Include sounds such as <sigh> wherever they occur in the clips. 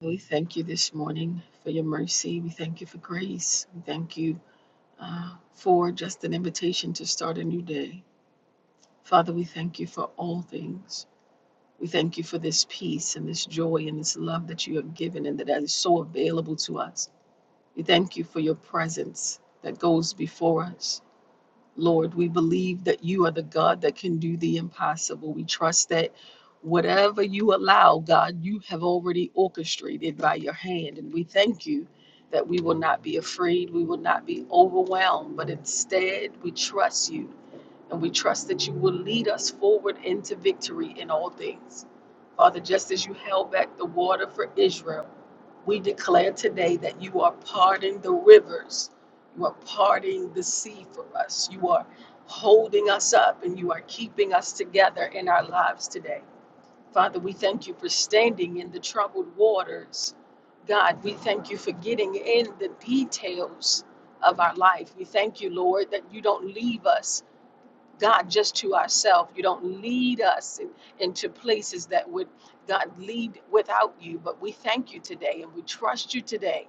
We thank you this morning for your mercy. We thank you for grace. We thank you uh, for just an invitation to start a new day. Father, we thank you for all things. We thank you for this peace and this joy and this love that you have given and that is so available to us. We thank you for your presence that goes before us. Lord, we believe that you are the God that can do the impossible. We trust that whatever you allow, God, you have already orchestrated by your hand. And we thank you that we will not be afraid, we will not be overwhelmed, but instead we trust you and we trust that you will lead us forward into victory in all things. Father, just as you held back the water for Israel. We declare today that you are parting the rivers. You are parting the sea for us. You are holding us up and you are keeping us together in our lives today. Father, we thank you for standing in the troubled waters. God, we thank you for getting in the details of our life. We thank you, Lord, that you don't leave us God, just to ourselves. You don't lead us in- into places that would, God, lead without you. But we thank you today and we trust you today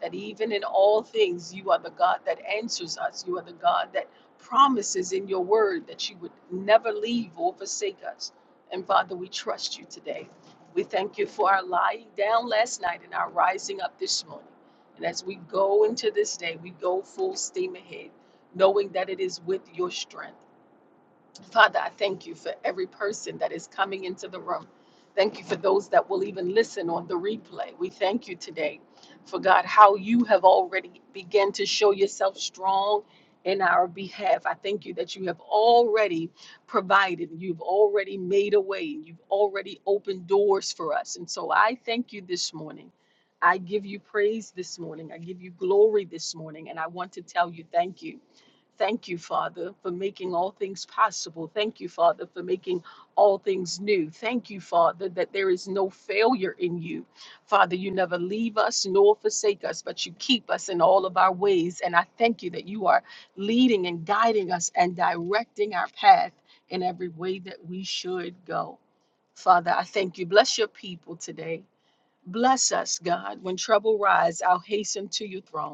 that even in all things, you are the God that answers us. You are the God that promises in your word that you would never leave or forsake us. And Father, we trust you today. We thank you for our lying down last night and our rising up this morning. And as we go into this day, we go full steam ahead, knowing that it is with your strength. Father, I thank you for every person that is coming into the room. Thank you for those that will even listen on the replay. We thank you today for God, how you have already begun to show yourself strong in our behalf. I thank you that you have already provided, you've already made a way, you've already opened doors for us. And so I thank you this morning. I give you praise this morning. I give you glory this morning. And I want to tell you thank you. Thank you, Father, for making all things possible. Thank you, Father, for making all things new. Thank you, Father, that there is no failure in you. Father, you never leave us nor forsake us, but you keep us in all of our ways. And I thank you that you are leading and guiding us and directing our path in every way that we should go. Father, I thank you. Bless your people today. Bless us, God. When trouble rise, I'll hasten to your throne.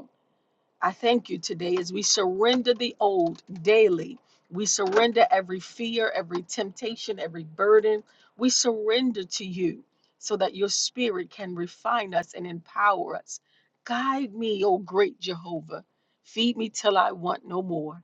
I thank you today as we surrender the old daily. We surrender every fear, every temptation, every burden. We surrender to you so that your spirit can refine us and empower us. Guide me, O great Jehovah. Feed me till I want no more.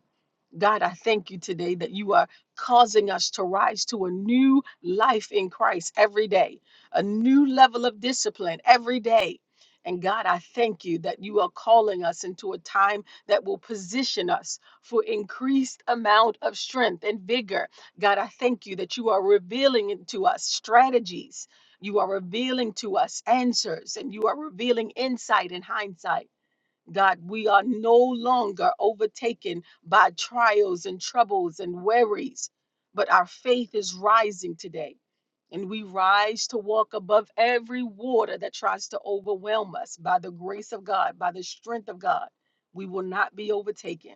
God, I thank you today that you are causing us to rise to a new life in Christ every day, a new level of discipline every day. And God, I thank you that you are calling us into a time that will position us for increased amount of strength and vigor. God, I thank you that you are revealing it to us strategies. You are revealing to us answers and you are revealing insight and hindsight. God, we are no longer overtaken by trials and troubles and worries, but our faith is rising today. And we rise to walk above every water that tries to overwhelm us by the grace of God, by the strength of God. We will not be overtaken.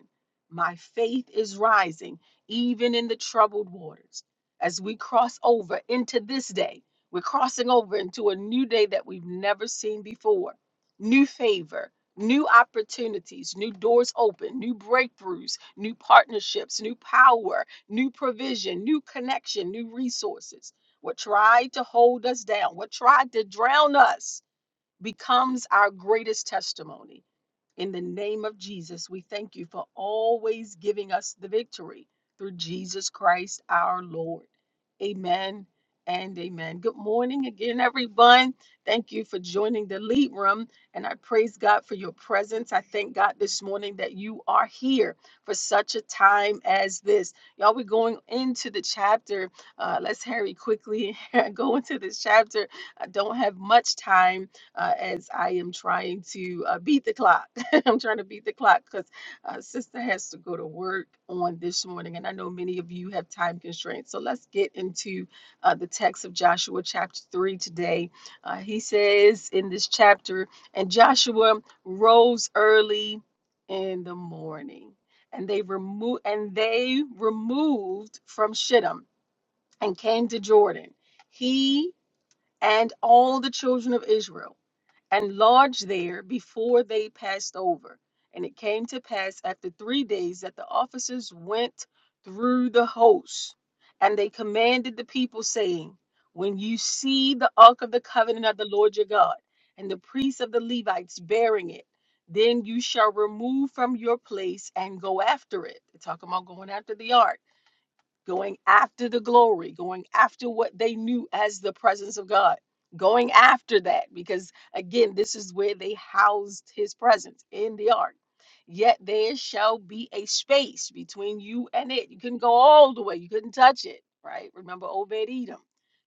My faith is rising, even in the troubled waters. As we cross over into this day, we're crossing over into a new day that we've never seen before. New favor, new opportunities, new doors open, new breakthroughs, new partnerships, new power, new provision, new connection, new resources. What tried to hold us down, what tried to drown us, becomes our greatest testimony. In the name of Jesus, we thank you for always giving us the victory through Jesus Christ our Lord. Amen and amen. Good morning again, everyone. Thank you for joining the lead room. And I praise God for your presence. I thank God this morning that you are here for such a time as this. Y'all, we're going into the chapter. Uh, let's hurry quickly <laughs> and go into this chapter. I don't have much time uh, as I am trying to uh, beat the clock. <laughs> I'm trying to beat the clock because uh, sister has to go to work on this morning, and I know many of you have time constraints. So let's get into uh, the text of Joshua chapter 3 today. Uh, he says in this chapter, and Joshua rose early in the morning, and they removed and they removed from Shittim and came to Jordan, he and all the children of Israel and lodged there before they passed over. And it came to pass after three days that the officers went through the host, and they commanded the people, saying, When you see the ark of the covenant of the Lord your God, and the priests of the Levites bearing it, then you shall remove from your place and go after it. They're talking about going after the ark going after the glory, going after what they knew as the presence of God, going after that, because again, this is where they housed his presence in the ark. Yet there shall be a space between you and it. You couldn't go all the way, you couldn't touch it, right? Remember Obed Edom.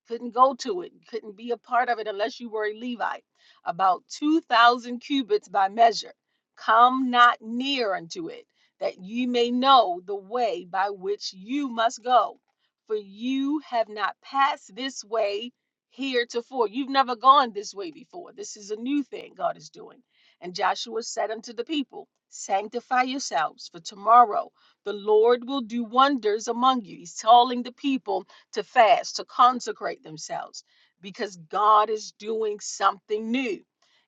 Couldn't go to it, couldn't be a part of it unless you were a Levite. About 2,000 cubits by measure. Come not near unto it that ye may know the way by which you must go. For you have not passed this way heretofore. You've never gone this way before. This is a new thing God is doing. And Joshua said unto the people, Sanctify yourselves, for tomorrow the Lord will do wonders among you. He's calling the people to fast, to consecrate themselves, because God is doing something new.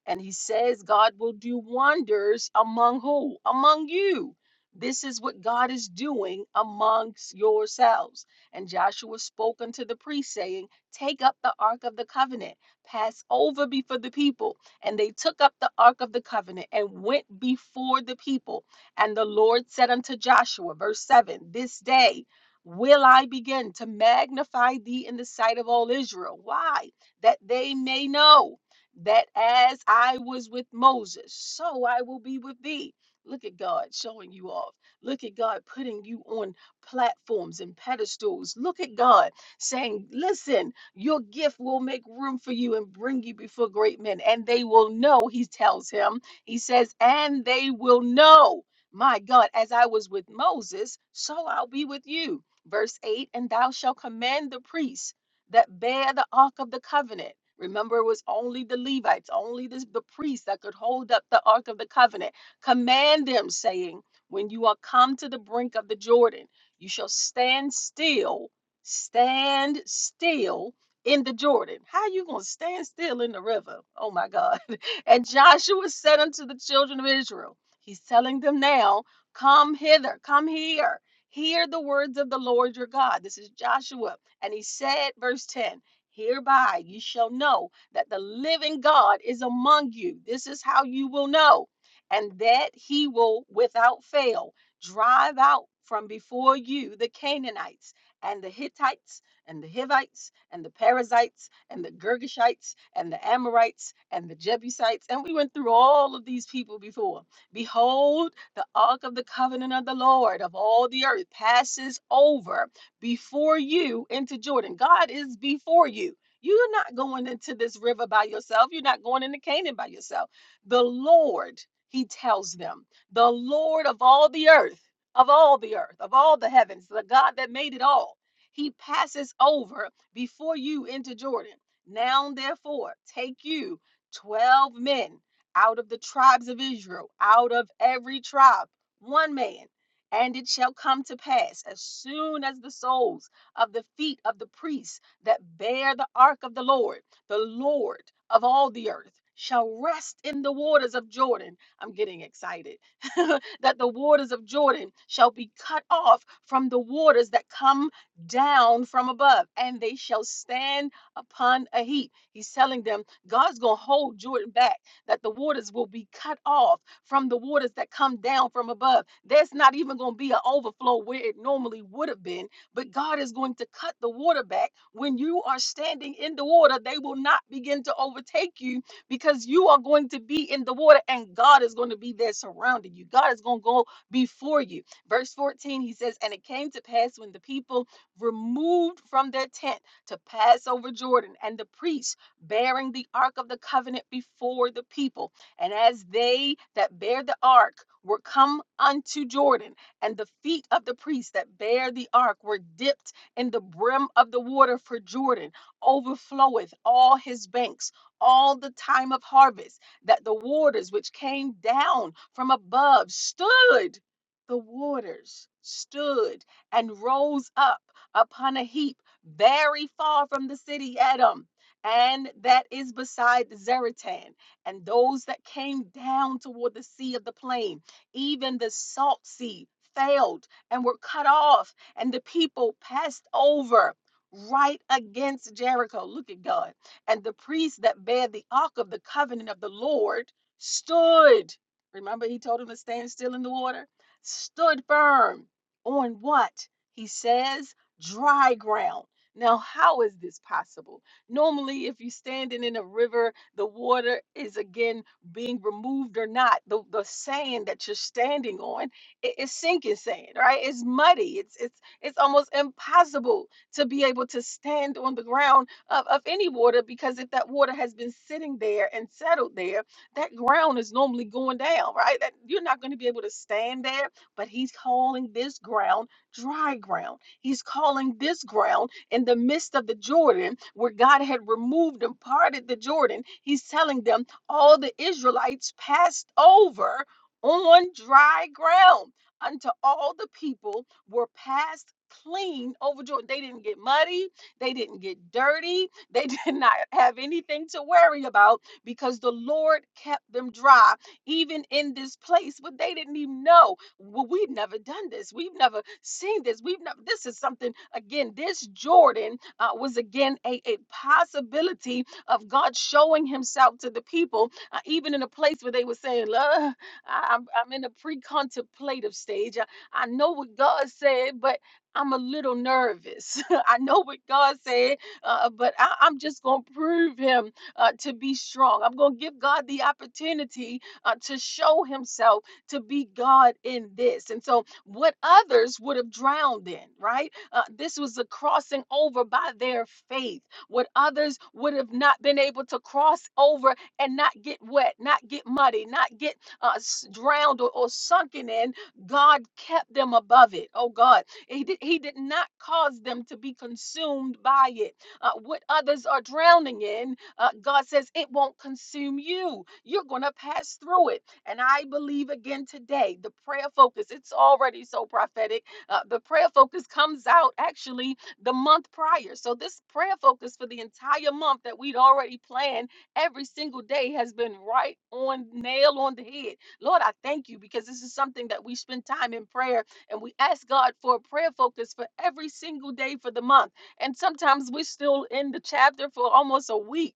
And he says, God will do wonders among who? Among you this is what God is doing amongst yourselves. And Joshua spoke unto the priest, saying, Take up the ark of the covenant, pass over before the people. And they took up the ark of the covenant and went before the people. And the Lord said unto Joshua, verse 7, This day will I begin to magnify thee in the sight of all Israel. Why? That they may know that as I was with Moses, so I will be with thee Look at God showing you off. Look at God putting you on platforms and pedestals. Look at God saying, Listen, your gift will make room for you and bring you before great men. And they will know, he tells him. He says, And they will know, my God, as I was with Moses, so I'll be with you. Verse 8 And thou shalt command the priests that bear the ark of the covenant. Remember, it was only the Levites, only this, the priests that could hold up the ark of the covenant Command them, saying, When you are come to the brink of the Jordan, you shall stand still, stand still in the Jordan. How you going to stand still in the river? Oh my God. <laughs> And Joshua said unto the children of Israel, He's telling them now, Come hither, come here. Hear the words of the Lord your God. This is Joshua. And he said, verse 10 Hereby you shall know that the living God is among you. This is how you will know and that he will without fail drive out from before you the Canaanites and the Hittites and the Hivites and the Perizzites and the Girgashites and the Amorites and the Jebusites. And we went through all of these people before. Behold, the ark of the covenant of the Lord of all the earth passes over before you into Jordan. God is before you. You're not going into this river by yourself. You're not going into Canaan by yourself. The Lord, he tells them, the Lord of all the earth, of all the earth, of all the heavens, the God that made it all, he passes over before you into Jordan. Now, therefore, take you 12 men out of the tribes of Israel, out of every tribe, one man. And it shall come to pass as soon as the soles of the feet of the priests that bear the ark of the Lord the Lord of all the earth shall rest in the waters of Jordan. I'm getting excited. <laughs> that the waters of Jordan shall be cut off from the waters that come down from above, and they shall stand upon a heap. He's telling them God's going to hold Jordan back, that the waters will be cut off from the waters that come down from above. There's not even going to be an overflow where it normally would have been but God is going to cut the water back. When you are standing in the water, they will not begin to overtake you because you are going to be in the water and God is going to be there surrounding you. God is going to go before you. Verse 14, he says, And it came to pass when the people removed from their tent to pass over Jordan, and the priests bearing the ark of the covenant before the people. And as they that bear the ark were come unto Jordan, and the feet of the priests that bear the ark were dipped in the brim of the water for Jordan overfloweth all his banks all the time of harvest, that the waters which came down from above stood, the waters stood and rose up upon a heap very far from the city Edom. And that is beside Zeratan, and those that came down toward the sea of the plain even the salt sea failed and were cut off, and the people passed over right against Jericho. Look at God. And the priest that bare the ark of the covenant of the Lord stood. Remember, he told him to stand still in the water? Stood firm on what? He says, dry ground. Now, how is this possible? Normally, if you're standing in a river, the water is again being removed or not, the, the sand that you're standing on it, it's sinking sand, right? It's muddy. It's it's it's almost impossible to be able to stand on the ground of, of any water because if that water has been sitting there and settled there, that ground is normally going down, right? That you're not going to be able to stand there, but he's calling this ground dry ground. He's calling this ground in the midst of the Jordan where God had removed and parted the Jordan. He's telling them all the Israelites passed over on dry ground until all the people were passed clean over Jordan. They didn't get muddy, they didn't get dirty, they <laughs> did not have anything to worry about because the Lord kept them dry, even in this place. But they didn't even know. Well, we've never done this, we've never seen this, we've never this is something again. This Jordan uh, was again a, a possibility of God showing himself to the people, uh, even in a place where they were saying, "Lord, I- I'm, I'm in a pre contemplative stage. I, I know what God said, but I'm a little nervous. <laughs> I know what God said, uh, but I, I'm just going to prove him uh, to be strong. I'm going to give God the opportunity uh, to show himself to be God in this. And so, what others would have drowned in, right? Uh, this was a crossing over by their faith what others would have not been able to cross over and not get wet, not get muddy, not get uh, s- drowned or, or sunken in. God kept them above it. Oh God, He did, he did not cause them to be consumed by it. Uh, what others are drowning in, uh, God says it won't consume you. You're going to pass through it. And I believe again today, the prayer focus, it's already so prophetic. Uh, the prayer focus comes out actually the month prior. So this prayer focus for the entire month that we'd already planned every single day has been right on nail on the head. Lord, I thank you because this is something that we spend time in prayer and we ask God for a prayer focus for every single day for the month. And sometimes we're still in the chapter for almost a week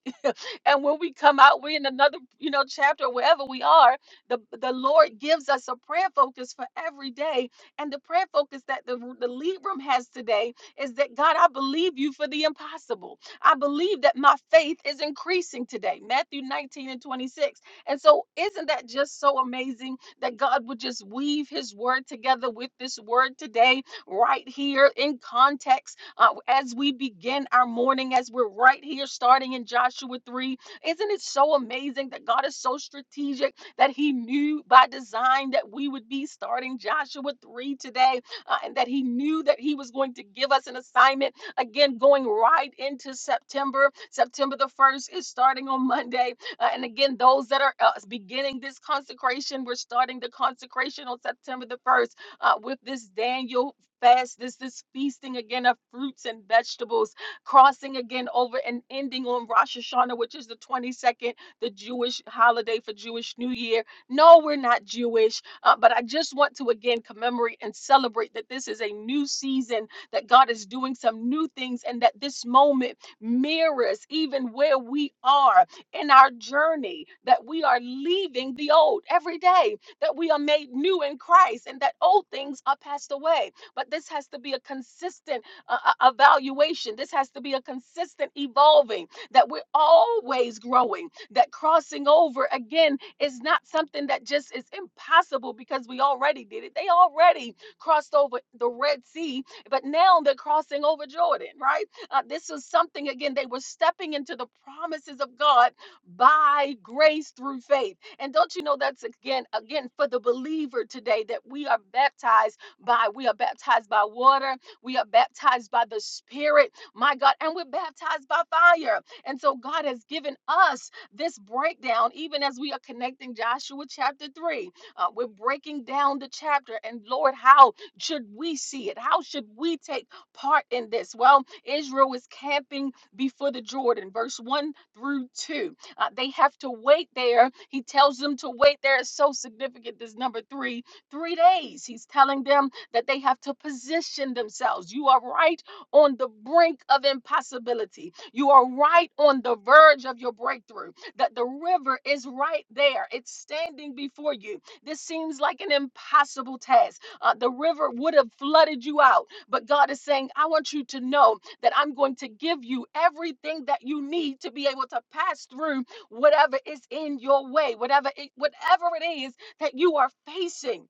and when we come out, we're in another, you know, chapter wherever we are. The the Lord gives us a prayer focus for every day, and the prayer focus that the the lead room has today is that God, I believe you for the impossible. I believe that my faith is increasing today. Matthew 19 and 26. And so, isn't that just so amazing that God would just weave His word together with this word today, right here in context, uh, as we begin our morning, as we're right here starting in Joshua 3 isn't it so amazing that God is so strategic that He knew by design that we would be starting Joshua 3 today uh, and that He knew that He was going to give us an assignment again going right into September. September the 1st is starting on Monday. Uh, and again, those that are uh, beginning this consecration, we're starting the consecration on September the 1st uh, with this Daniel. Fast this this feasting again of fruits and vegetables crossing again over and ending on Rosh Hashanah, which is the 22nd, the Jewish holiday for Jewish New Year. No, we're not Jewish, uh, but I just want to again commemorate and celebrate that this is a new season, that God is doing some new things, and that this moment mirrors even where we are in our journey, that we are leaving the old every day, that we are made new in Christ, and that old things are passed away. But this has to be a consistent uh, uh, evaluation. This has to be a consistent evolving, that we're always growing, that crossing over again is not something that just is impossible because we already did it. They already crossed over the Red Sea, but now they're crossing over Jordan, right? Uh, this was something, again, they were stepping into the promises of God by grace through faith. And don't you know that's again, again, for the believer today that we are baptized by, we are baptized by water we are baptized by the Spirit, my God, and we're baptized by fire. And so God has given us this breakdown, even as we are connecting Joshua chapter 3. Uh, we're breaking down the chapter, and Lord, how should we see it? How should we take part in this? Well, Israel is camping before the Jordan, verse 1 through 2. Uh, they have to wait there. He tells them to wait there. It's so significant, this number three, three days. He's telling them that they have to position themselves. You are right on the brink of impossibility. You are right on the verge of your breakthrough, that the river is right there. It's standing before you. This seems like an impossible task. Uh, the river would have flooded you out, but God is saying, I want you to know that I'm going to give you everything that you need to be able to pass through whatever is in your way, whatever it, whatever it is that you are facing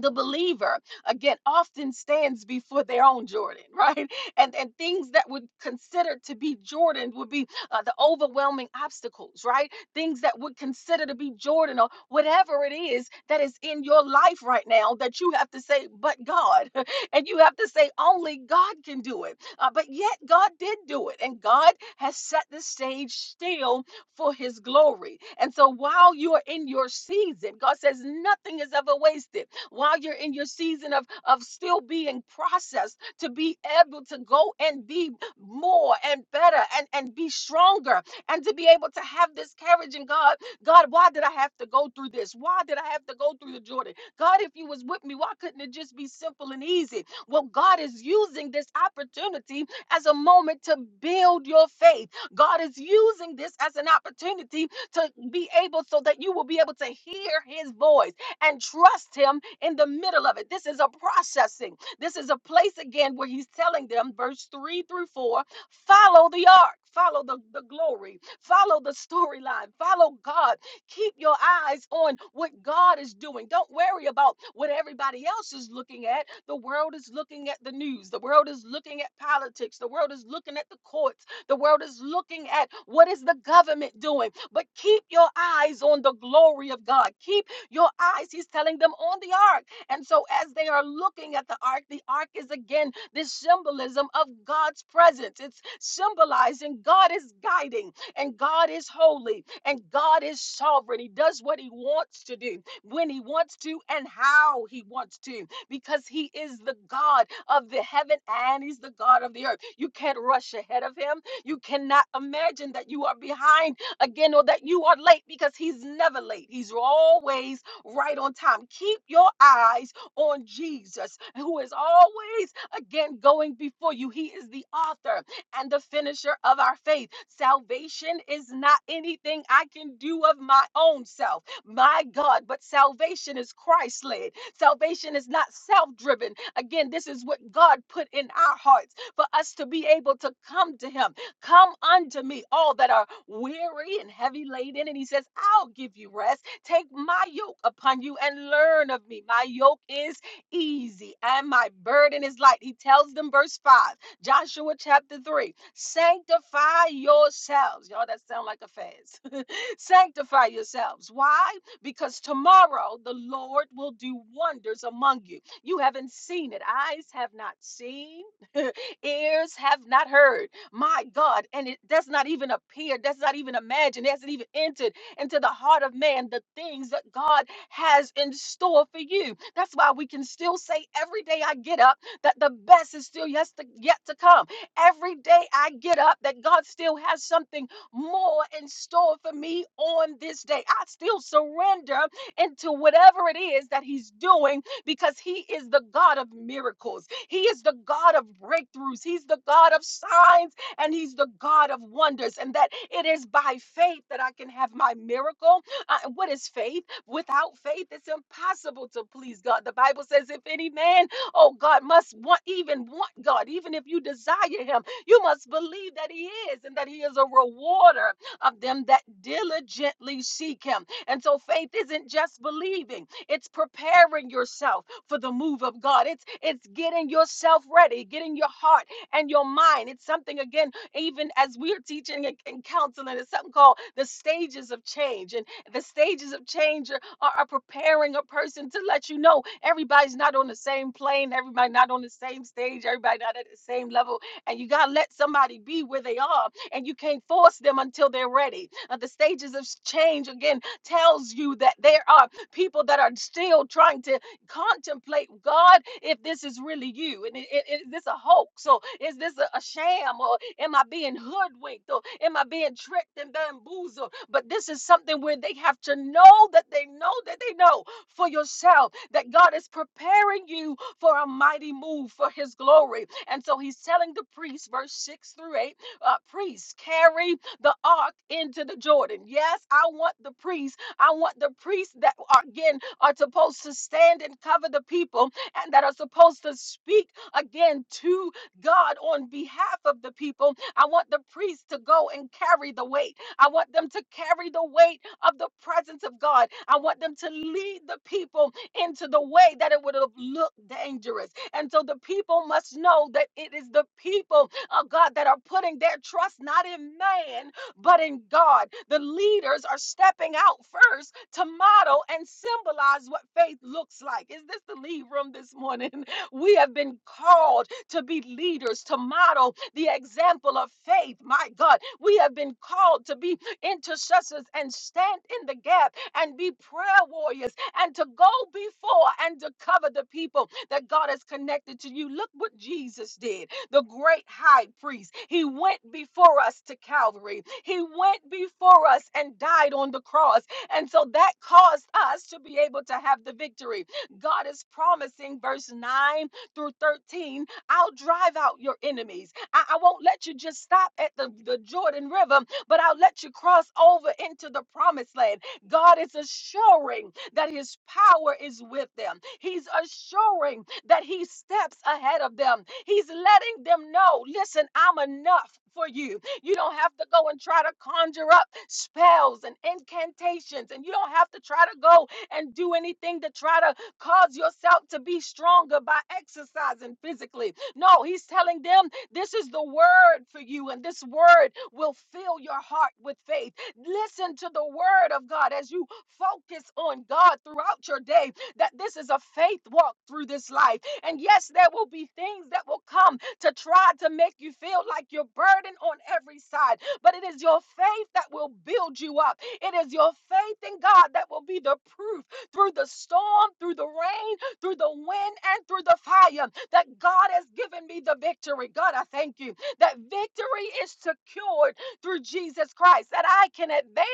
the believer again often stands before their own jordan right <laughs> and and things that would consider to be jordan would be uh, the overwhelming obstacles right things that would consider to be jordan or whatever it is that is in your life right now that you have to say but god <laughs> and you have to say only god can do it uh, but yet god did do it and god has set the stage still for his glory and so while you are in your season god says nothing is ever wasted while you're in your season of, of still being processed, to be able to go and be more and better and, and be stronger and to be able to have this courage in God. God, why did I have to go through this? Why did I have to go through the Jordan? God, if you was with me, why couldn't it just be simple and easy? Well, God is using this opportunity as a moment to build your faith. God is using this as an opportunity to be able so that you will be able to hear his voice and trust him in the middle of it. This is a processing. This is a place again where he's telling them, verse 3 through 4, follow the ark, follow the, the glory, follow the storyline, follow God. Keep your eyes on what God is doing. Don't worry about what everybody else is looking at. The world is looking at the news, the world is looking at politics, the world is looking at the courts, the world is looking at what is the government doing. But keep your eyes on the glory of God. Keep your eyes, he's telling them on the ark. And so, as they are looking at the ark, the ark is again this symbolism of God's presence. It's symbolizing God is guiding, and God is holy, and God is sovereign. He does what he wants to do, when he wants to, and how he wants to, because he is the God of the heaven and he's the God of the earth. You can't rush ahead of him. You cannot imagine that you are behind again or that you are late because he's never late. He's always right on time. Keep your eyes on Jesus, who is always again going before you. He is the author and the finisher of our faith. Salvation is not anything I can do of my own self, my God, but salvation is Christ led. Salvation is not self driven. Again, this is what God put in our hearts for us to be able to come to Him Come unto me, all that are weary and heavy laden. And he says, I'll give you rest. Take my yoke upon you and learn of me. My yoke is easy and my burden is light. He tells them, verse 5, Joshua chapter 3, sanctify yourselves. Y'all, that sound like a fast. <laughs> sanctify yourselves. Why? Because tomorrow the Lord will do wonders among you. You haven't seen it, eyes have not seen, <laughs> ears have not heard my God. And it does not even appear, does not even imagine, hasn't even entered into the heart of man the things that God has in store for you. That's why we can still say every day I get up that the best is still yes to, yet to come. Every day I get up that God still has something more in store for me on this day. I still surrender into whatever it is that He's doing because He is the God of miracles. He is the God of breakthroughs. He's the God of signs and He's the God of wonders, and that it is by faith that I can have my miracle. Uh, what is faith? Without faith, it's impossible to please God. The Bible says, if any man, oh God, must want, even want God, even if you desire Him, you must believe that He is and that He is a rewarder of them that diligently seek Him. And so faith isn't just believing, it's preparing yourself for the move of God. It's it's getting yourself ready, getting your heart and your mind. It's something, again, even as we're teaching and, and counseling, it's something called the stages of change. And the stages of change are, are are preparing a person to let you know everybody's not on the same plane, everybody not on the same stage, everybody not at the same level. And you got to let somebody be where they are, and you can't force them until they're ready. Uh, the stages of change, again, tells you that there are people that are still trying to contemplate God if this is really you and i- i- is this a hoax or is this a, a sham or am I being hoodwinked or am I being tricked and bamboozled? But this is something where they have to know that they know that they know for yourself that God is preparing you for a mighty move for His glory. And so He's telling the priests, verse six through eight, uh, priests carry the ark into the Jordan. Yes, I want the priests I want the priests that are again are supposed to stand and cover the people and that are supposed to speak again to God on behalf of the people. I want the priests to go and carry the weight. I want them to carry the weight of the presence of God. I want them to lead the people into the way that it would have looked dangerous. And so the people must know that it is the people of God that are putting their trust not in man, but in God. The leaders are stepping out first to model and symbolize what faith looks like. Is this the lead room this morning? <laughs> We have been called to be leaders, to model the example of faith. My God, we have been called to be intercessors and stand in the gap and be prayer warriors and to go before and to cover the people that God has connected to you. Look what Jesus did the great high priest. He went before us to Calvary. He went before us and died on the cross. And so that caused us to be able to have the victory. God is promising, verse 9 through 13, I'll drive out your enemies. I, I won't let you just stop at the, the Jordan River, but I'll let you cross over into the promised land. God is assuring that his power is with them. He's assuring that He steps ahead of them. He's letting them know listen, I'm enough for you. You don't have to go and try to conjure up spells and incantations, and you don't have to try to go and do anything to try to cause yourself to be stronger by exercising physically. No, He's telling them this is the word for you, and this word will fill your heart with faith. Listen to the word of God as you focus on God throughout your day that this is a faith walk through this life. And yes, there will be things that will come to try to make you feel like you're burdened on every side, but it is your faith that will build you up. It is your faith in God that will be the proof through the storm, through the rain, through the wind, and through the fire that God has given me the victory. God, I thank you that victory is secured through Jesus Christ, that I can advance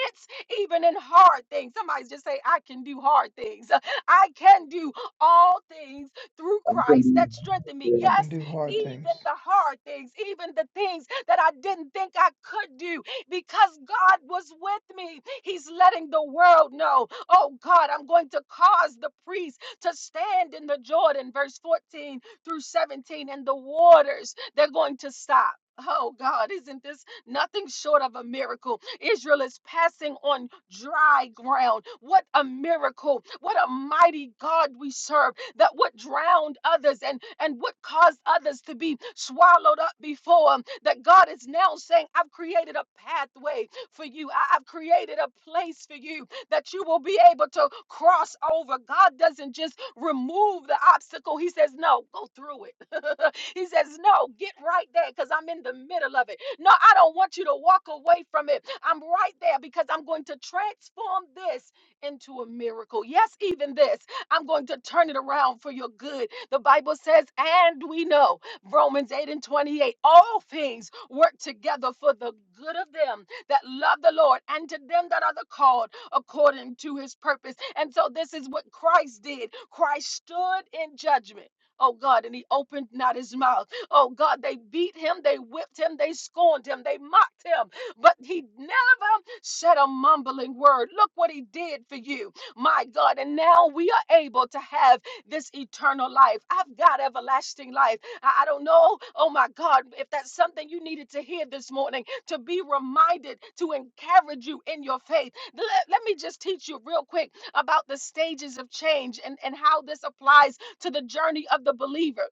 even in hard things. Somebody just say, I can do hard things. I can do all things through I'm gonna Christ do- that strengthen me. I Yes, can do hard even things. the hard things, even the things that I didn't think I could do, because God was with me. He's letting the world know, oh God, I'm going to cause the priest to stand in the Jordan, verse 14 through 17, and the waters, they're going to stop. Oh God, isn't this Nothing short of a miracle. Israel is passing on dry ground. What a miracle. What a mighty God we serve. That what drowned others and, and what caused others to be swallowed up before him. That God is now saying, I've created a pathway for you. I- I've created a place for you that you will be able to cross over. God doesn't just remove the obstacle. He says, No, go through it <laughs> he says, No, get right there because I'm in the middle of it. No, I don't want you to walk away from it. I'm right there because I'm going to transform this into a miracle. Yes, even this, I'm going to turn it around for your good. The Bible says, And we know, Romans 8 and 28, all things work together for the good of them that love the Lord and to them that are the called according to his purpose. And so this is what Christ did. Christ stood in judgment Oh God, and he opened not his mouth. Oh God, they beat him, they whipped him, they scorned him, they mocked him, but he never said a mumbling word. Look what he did for you, my God. And now we are able to have this eternal life. I've got everlasting life. I, I don't know, oh my God, if that's something you needed to hear this morning, to be reminded, to encourage you in your faith. Let, let me just teach you real quick about the stages of change and, and how this applies to the journey of the believer.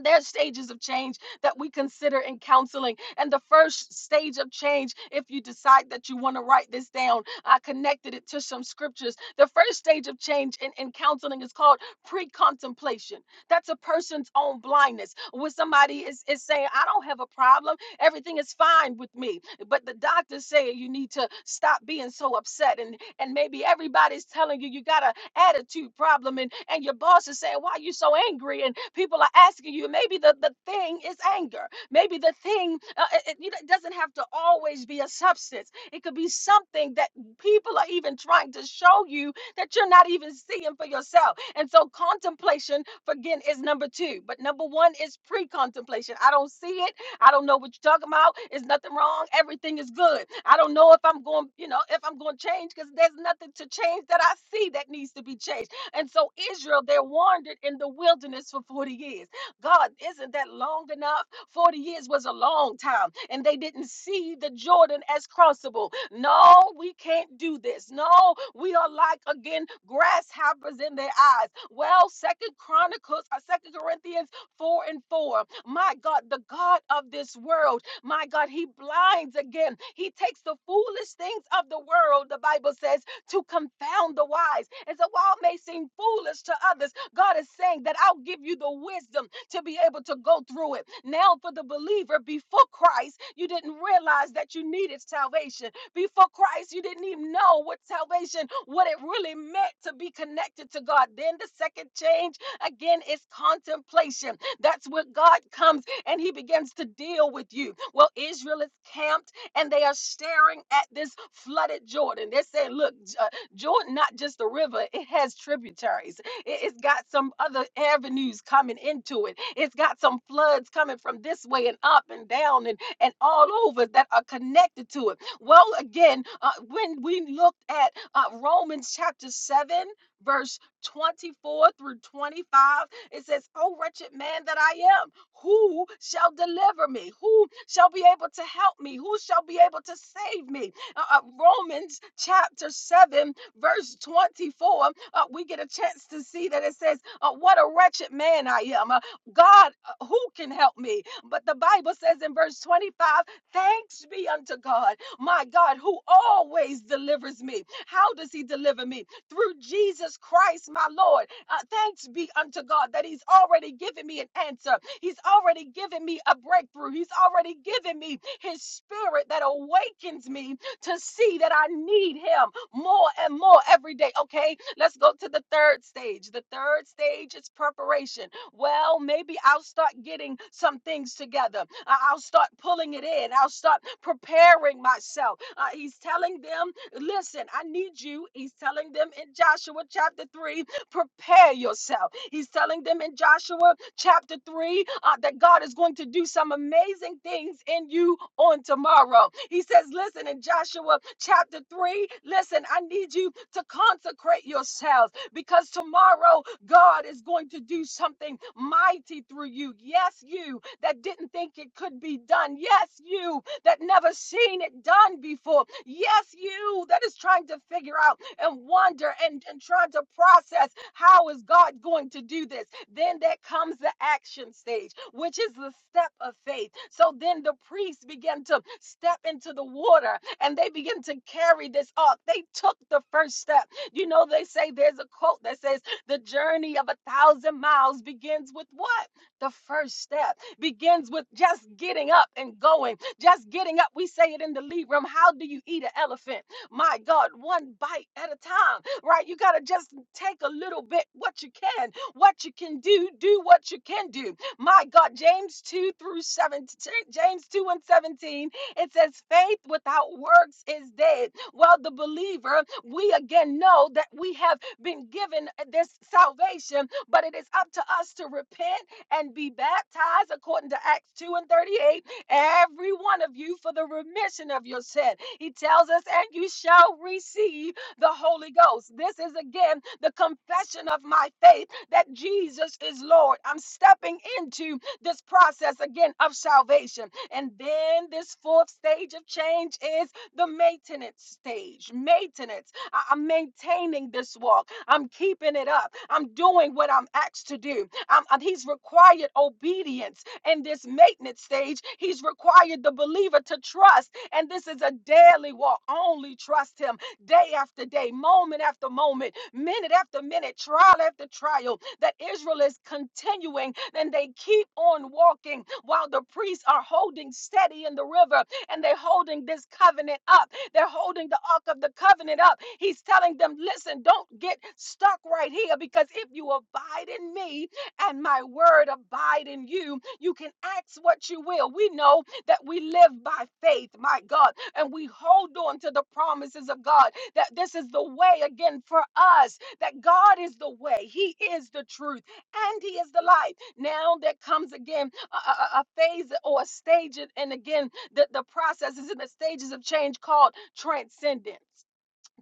There's stages of change that we consider in counseling. And the first stage of change, if you decide that you want to write this down, I connected it to some scriptures. The first stage of change in, in counseling is called pre contemplation. That's a person's own blindness. When somebody is, is saying, I don't have a problem, everything is fine with me. But the doctor's saying you need to stop being so upset. And, and maybe everybody's telling you you got to attitude problem and, and your boss is saying, Why are you so angry? And people are asking you, maybe the, the thing is anger. Maybe the thing, uh, it, it you know, it doesn't have to always be a substance. It could be something that people are even trying to show you that you're not even seeing for yourself. And so contemplation, again, is number two. But number one is pre contemplation. I don't see it. I don't know what you're talking about. It's nothing wrong. Everything is good. I don't know if I'm going, you know, if I'm going to change because there's nothing to change that I see that needs to be changed. And so Israel, they wandered in the wilderness for 40 years. God, isn't that long enough? 40 years was a long time. And they didn't see the Jordan as crossable. No, we can't do this. No, we are like again grasshoppers in their eyes. Well, Second Chronicles, uh, Second Corinthians four and four. My God, the God of this world, my God, he blinds again. He takes the foolish things of the world, the Bible says, to confound the wise. And so while it may seem foolish to others, God is saying that I'll give you the wisdom to be able to go through it. Now, for the believer before Christ, you didn't realize that you needed salvation. Before Christ, you didn't even know what salvation, what it really meant to be connected to God. Then the second change again is contemplation that's where God comes and he begins to deal with you. Well, Israel is camped and they are staring at this flooded Jordan. They're saying, look, J- uh, Jordan, not just a river, it has tributaries. It- It's got some other avenues coming into it. It's got some floods coming from this way and up and down and, and all over that are connected to it. Well, again, uh, when we looked at uh, Romans chapter 7, verse 24 through 25, it says, "O wretched man that I am, who shall deliver me? Who shall be able to help me? Who shall be able to save me? Uh, uh, Romans chapter 7, verse 24, uh, we get a chance to see that it says, uh, What a wretched man I am. Uh, God, uh, who can help me? But the Bible says in verse 25, Thanks be unto God, my God, who always delivers me. How does he deliver me? Through Jesus Christ, my Lord. Uh, thanks be unto God that He's already given me an answer. He's already given me a breakthrough. He's already given me His Spirit that awakens me to see that I need Him more and more every day. Okay, let's go to the third stage. The third stage is preparation. Well, maybe I'll start getting some things together. I- I'll start pulling it in. I'll start preparing myself. Uh, he's telling them, listen, I need you. He's telling them in Joshua chapter 3 prepare yourself. He's telling them in Joshua chapter 3 uh, that God is going to do some amazing things in you on tomorrow. He says, Listen, in Joshua chapter 3, listen, I need you to consecrate yourselves because tomorrow God is going to do something mighty through you. Yes, you that didn't think it could be done. Yes, you that never seen it done before. Yes, you that is trying to figure out and wonder and, and trying to process how is God going to do this. Then that comes the action stage, which is the step of faith. So then the priests begin to step into the water and they begin to carry this ark. They took the first step. You know, they say there's a quote that says, The journey of a thousand miles begins with what? The first step begins with just getting up and going just getting up, we say it in the lead room. How do you eat an elephant? My God, one bite at a time, right? You got to just take a little bit what you can, what you can do, do what you can do. My God, James 2 through 17, James 2 and 17, it says, faith without works is dead. Well, the believer, we again know that we have been given this salvation, but it is up to us to repent and be baptized according to Acts 2 and 38 every one of you for the remission of your sin. He tells us, and you shall receive the Holy Ghost. This is again the confession of my faith that Jesus is Lord. I'm stepping into this process again of salvation. And then this fourth stage of change is the maintenance stage. Maintenance. I- I'm maintaining this walk. I'm keeping it up. I'm doing what I'm asked to do. I'm, I'm- he's required obedience in this maintenance stage, he's required the believer to trust. And this is a daily walk. Only trust him day after day, moment after moment, minute after minute, trial after trial. That Israel is continuing and they keep on walking while the priests are holding steady in the river and they're holding this covenant up. They're holding the Ark of the Covenant up. He's telling them, listen, don't get stuck right here because if you abide in me and my word abide in you, you can ask what you will. We know that we live by faith, my God, and we hold on to the promises of God that this is the way again for us, that God is the way, He is the truth, and He is the light. Now there comes again a, a- a- a phase or a stage, and and again, the, the processes and the stages of change called transcendence.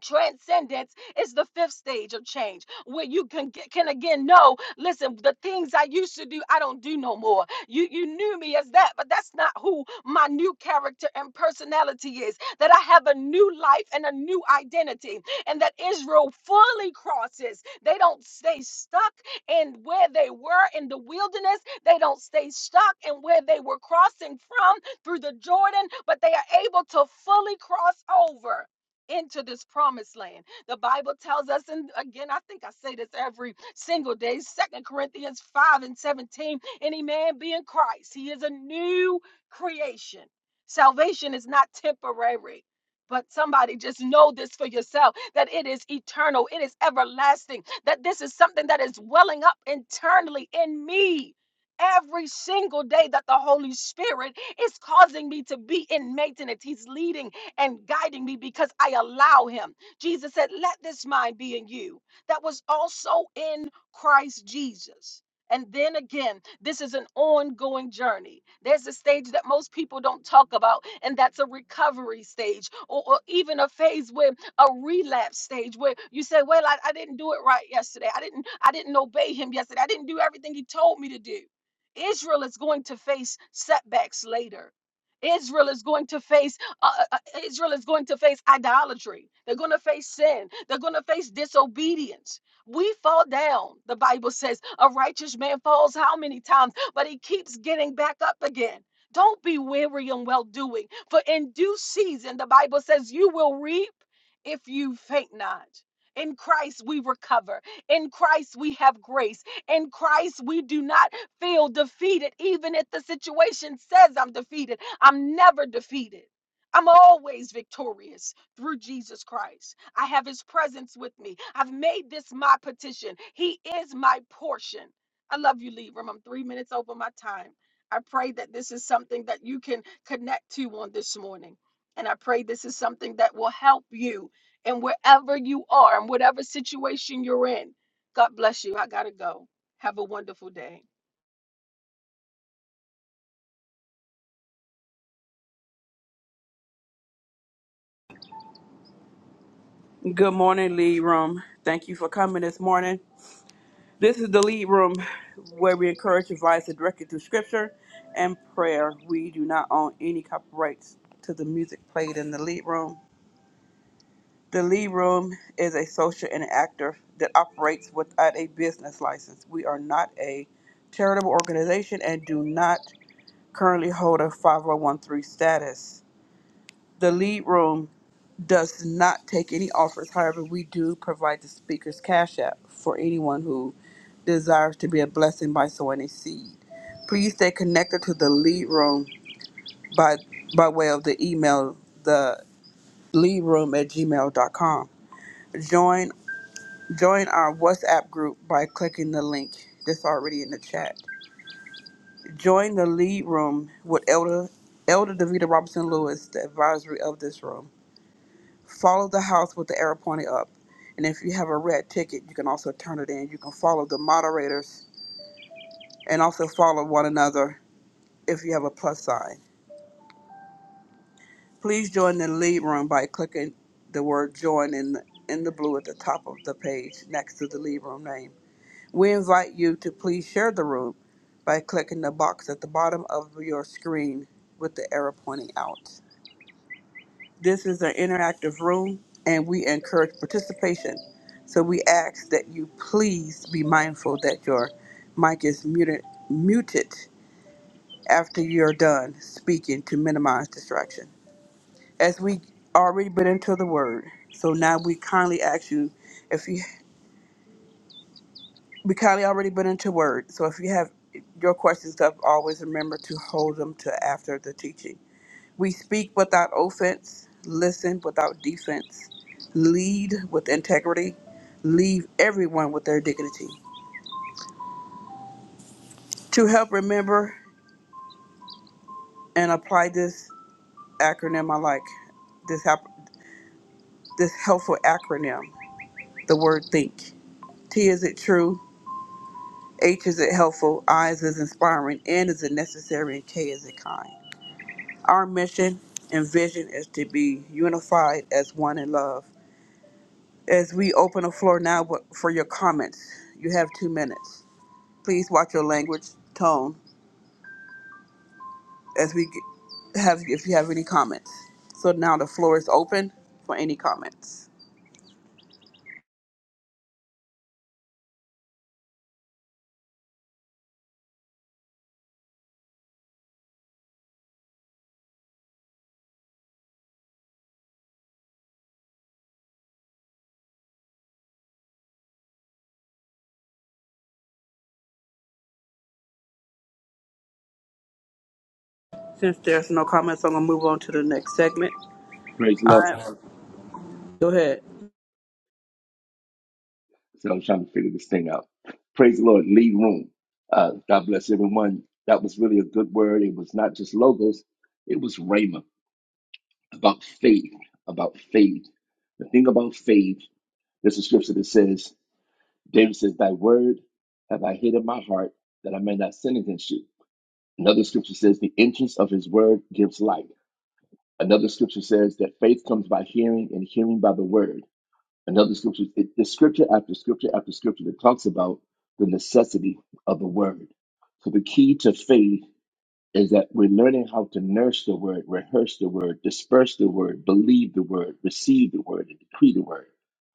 Transcendence is the fifth stage of change where you can get, can again know, listen, the things I used to do, I don't do no more. You you knew me as that, but that's not who my new character and personality is. That I have a new life and a new identity. And that Israel fully crosses. They don't stay stuck in where they were in the wilderness. They don't stay stuck in where they were crossing from through the Jordan, but they are able to fully cross over into this promised land. The Bible tells us, and again, I think I say this every single day, Second Corinthians 5 and 17, any man be in Christ, he is a new creation. Salvation is not temporary. But somebody just know this for yourself that it is eternal, it is everlasting, that this is something that is welling up internally in me every single day that the Holy Spirit is causing me to be in maintenance. He's leading and guiding me because I allow him. Jesus said, Let this mind be in you that was also in Christ Jesus. And then again, this is an ongoing journey. There's a stage that most people don't talk about, and that's a recovery stage, or, or even a phase where a relapse stage where you say, Well, I, I didn't do it right yesterday. I didn't, I didn't obey him yesterday. I didn't do everything he told me to do. Israel is going to face setbacks later. Israel is going to face uh, uh, uh, Israel is going to face idolatry. They're going to face sin. They're going to face disobedience. We fall down, the Bible says. A righteous man falls how many times, but he keeps getting back up again. Don't be weary in well doing, for in due season, the Bible says, you will reap if you faint not. In Christ we recover. In Christ we have grace. In Christ we do not feel defeated, even if the situation says I'm defeated. I'm never defeated. I'm always victorious through Jesus Christ. I have his presence with me. I've made this my petition. He is my portion. I love you, Libram. I'm three minutes over my time. I pray that this is something that you can connect to on this morning. And I pray this is something that will help you in wherever you are and whatever situation you're in. God bless you. I got to go. Have a wonderful day. Good morning, Lead Room. Thank you for coming this morning. This is the Lead Room where we encourage advice and directed through scripture and prayer. We do not own any copyrights to the music played in the Lead Room. The Lead Room is a social interactive that operates without a business license. We are not a charitable organization and do not currently hold a 5013 status. The lead room does not take any offers. However, we do provide the speaker's cash app for anyone who desires to be a blessing by sowing a seed. Please stay connected to the lead room by by way of the email the lead room at gmail.com. Join join our WhatsApp group by clicking the link that's already in the chat. Join the lead room with Elder Elder Davita Robinson Lewis, the advisory of this room. Follow the house with the arrow pointing up. And if you have a red ticket, you can also turn it in. You can follow the moderators and also follow one another if you have a plus sign. Please join the lead room by clicking the word join in, in the blue at the top of the page next to the lead room name. We invite you to please share the room by clicking the box at the bottom of your screen with the arrow pointing out. This is an interactive room and we encourage participation. So we ask that you please be mindful that your mic is muted, muted after you're done speaking to minimize distraction. As we already been into the word, so now we kindly ask you if you we kindly already been into word. So if you have your questions up, always remember to hold them to after the teaching. We speak without offense, listen without defense, lead with integrity, leave everyone with their dignity. To help remember and apply this acronym, I like this hap- this helpful acronym, the word think. T is it true? H is it helpful? I is it inspiring? N is it necessary? And K is it kind? Our mission and vision is to be unified as one in love. As we open the floor now for your comments, you have two minutes. Please watch your language tone as we g- have, if you have any comments. So now the floor is open for any comments. Since there's no comments, I'm gonna move on to the next segment. Praise the All Lord. right, go ahead. So I'm trying to figure this thing out. Praise the Lord. Lead room. Uh, God bless everyone. That was really a good word. It was not just logos, it was Rhema about faith. About faith. The thing about faith, there's a scripture that says, David says, Thy word have I hid in my heart that I may not sin against you. Another scripture says, The entrance of his word gives light. Another scripture says that faith comes by hearing and hearing by the word. Another scripture, it, there's scripture after scripture after scripture that talks about the necessity of the word. So the key to faith is that we're learning how to nurse the word, rehearse the word, disperse the word, believe the word, receive the word, and decree the word.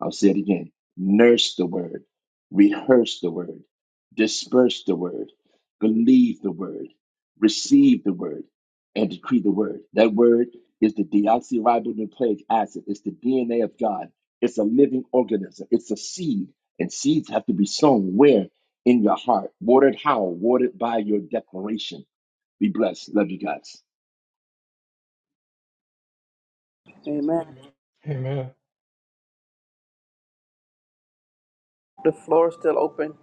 I'll say it again nurse the word, rehearse the word, disperse the word, believe the word, receive the word, and decree the word. That word is the deoxyribonucleic acid, it's the DNA of God, it's a living organism, it's a seed, and seeds have to be sown where? In your heart, watered how? Watered by your declaration be blessed. Love you guys. Amen. Amen. The floor is still open.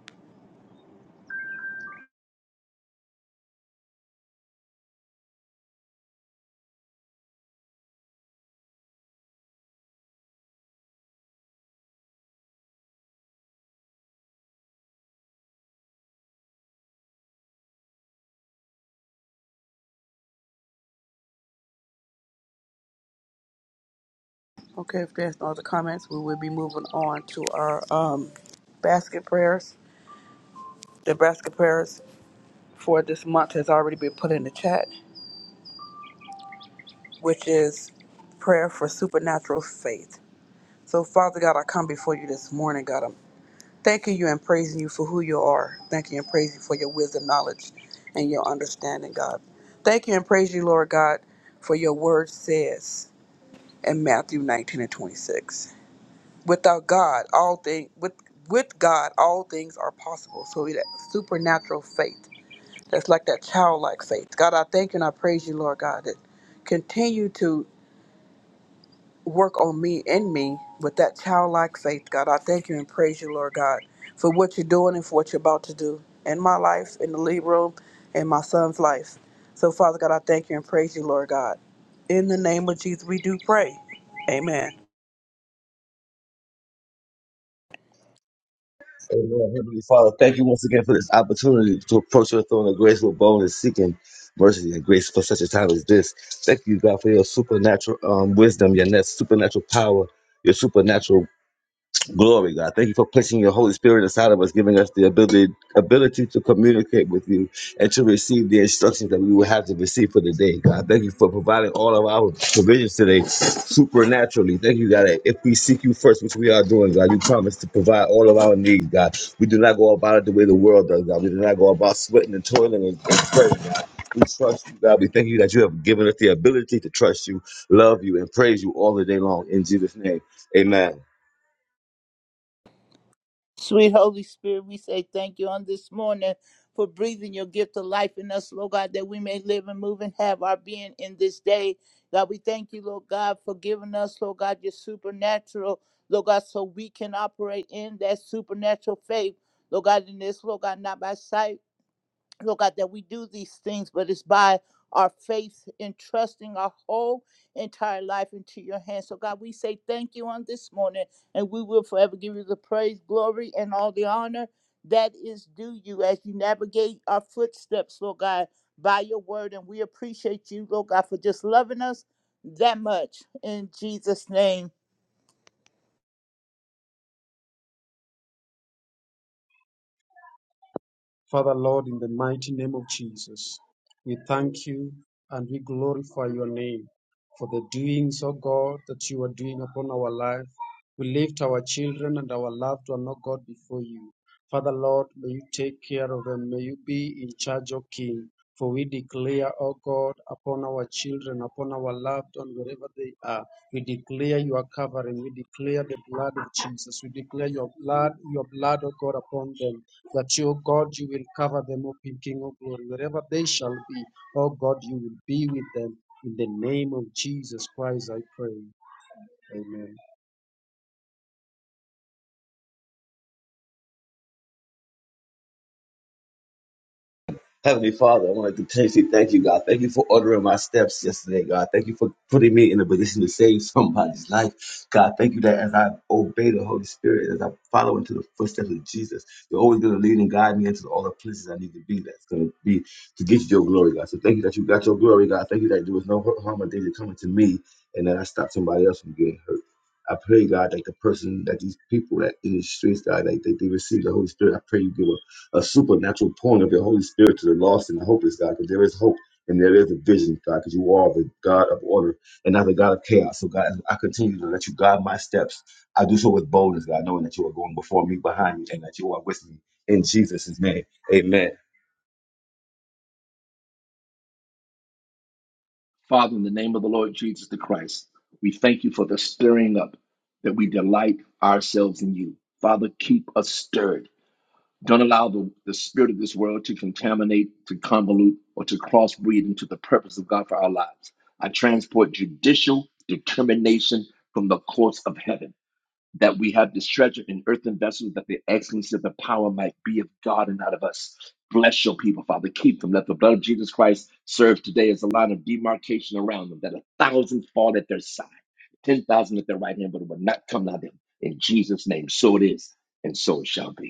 Okay, if there's no other comments, we will be moving on to our um, basket prayers. The basket prayers for this month has already been put in the chat. which is prayer for supernatural faith. So, Father God, I come before you this morning, God. I'm thanking you and praising you for who you are. Thanking you and praising you for your wisdom, knowledge, and your understanding, God. Thank you and praise you, Lord God, for your word says in Matthew 19 and 26. Without God, all things with with God, all things are possible. So that supernatural faith, that's like that childlike faith. God, I thank you and I praise you, Lord God, that continue to work on me and me with that childlike faith, God. I thank you and praise you, Lord God, for what you're doing and for what you're about to do in my life, in the lead room, in my son's life. So, Father God, I thank you and praise you, Lord God. In the name of Jesus, we do pray. Amen. Amen. Heavenly Father, thank you once again for this opportunity to approach your throne of grace with boldness, seeking mercy and grace for such a time as this. Thank you, God, for your supernatural um, wisdom, your net supernatural power, your supernatural Glory, God. Thank you for placing your Holy Spirit inside of us, giving us the ability ability to communicate with you and to receive the instructions that we will have to receive for the day, God. Thank you for providing all of our provisions today supernaturally. Thank you, God. that If we seek you first, which we are doing, God, you promise to provide all of our needs, God. We do not go about it the way the world does, God. We do not go about sweating and toiling and, and sweating, God. We trust you, God. We thank you that you have given us the ability to trust you, love you, and praise you all the day long. In Jesus' name, amen. Sweet Holy Spirit, we say thank you on this morning for breathing your gift of life in us, Lord God, that we may live and move and have our being in this day. God, we thank you, Lord God, for giving us, Lord God, your supernatural, Lord God, so we can operate in that supernatural faith, Lord God, in this, Lord God, not by sight. Lord God, that we do these things, but it's by our faith in trusting our whole entire life into your hands. So, God, we say thank you on this morning, and we will forever give you the praise, glory, and all the honor that is due you as you navigate our footsteps, Lord God, by your word. And we appreciate you, Lord God, for just loving us that much. In Jesus' name. Father, Lord, in the mighty name of Jesus, we thank you and we glorify your name for the doings, O God, that you are doing upon our life. We lift our children and our loved one, O God, before you. Father, Lord, may you take care of them. May you be in charge, O King. For we declare, O God, upon our children, upon our loved one, wherever they are, we declare your covering. We declare the blood of Jesus. We declare your blood, your blood, O God, upon them that, O God, you will cover them up in King of Glory. Wherever they shall be, O God, you will be with them. In the name of Jesus Christ, I pray. Amen. Heavenly Father, I want to continuously thank you, God. Thank you for ordering my steps yesterday, God. Thank you for putting me in a position to save <laughs> somebody's life. God, thank you that as I obey the Holy Spirit, as I follow into the footsteps of Jesus, you're always going to lead and guide me into all the places I need to be. That's going to be to get you your glory, God. So thank you that you got your glory, God. Thank you that there was no harm or danger coming to me and that I stopped somebody else from getting hurt. I pray, God, that the person, that these people that in the streets, God, that, that they receive the Holy Spirit, I pray you give them a supernatural pouring of your Holy Spirit to the lost and the hopeless, God, because there is hope and there is a vision, God, because you are the God of order and not the God of chaos. So, God, as I continue to let you guide my steps. I do so with boldness, God, knowing that you are going before me, behind me, and that you are with me. In Jesus' name, amen. Father, in the name of the Lord Jesus the Christ, we thank you for the stirring up that we delight ourselves in you. Father, keep us stirred. Don't allow the, the spirit of this world to contaminate, to convolute, or to crossbreed into the purpose of God for our lives. I transport judicial determination from the courts of heaven. that we have this treasure in earthen vessels, that the excellency of the power might be of God and not of us. Bless your people, Father. Keep them. Let the blood of Jesus Christ serve today as a line of demarcation around them, that a thousand fall at their side, 10,000 at their right hand, but it will not come nigh them. In Jesus' name, so it is, and so it shall be.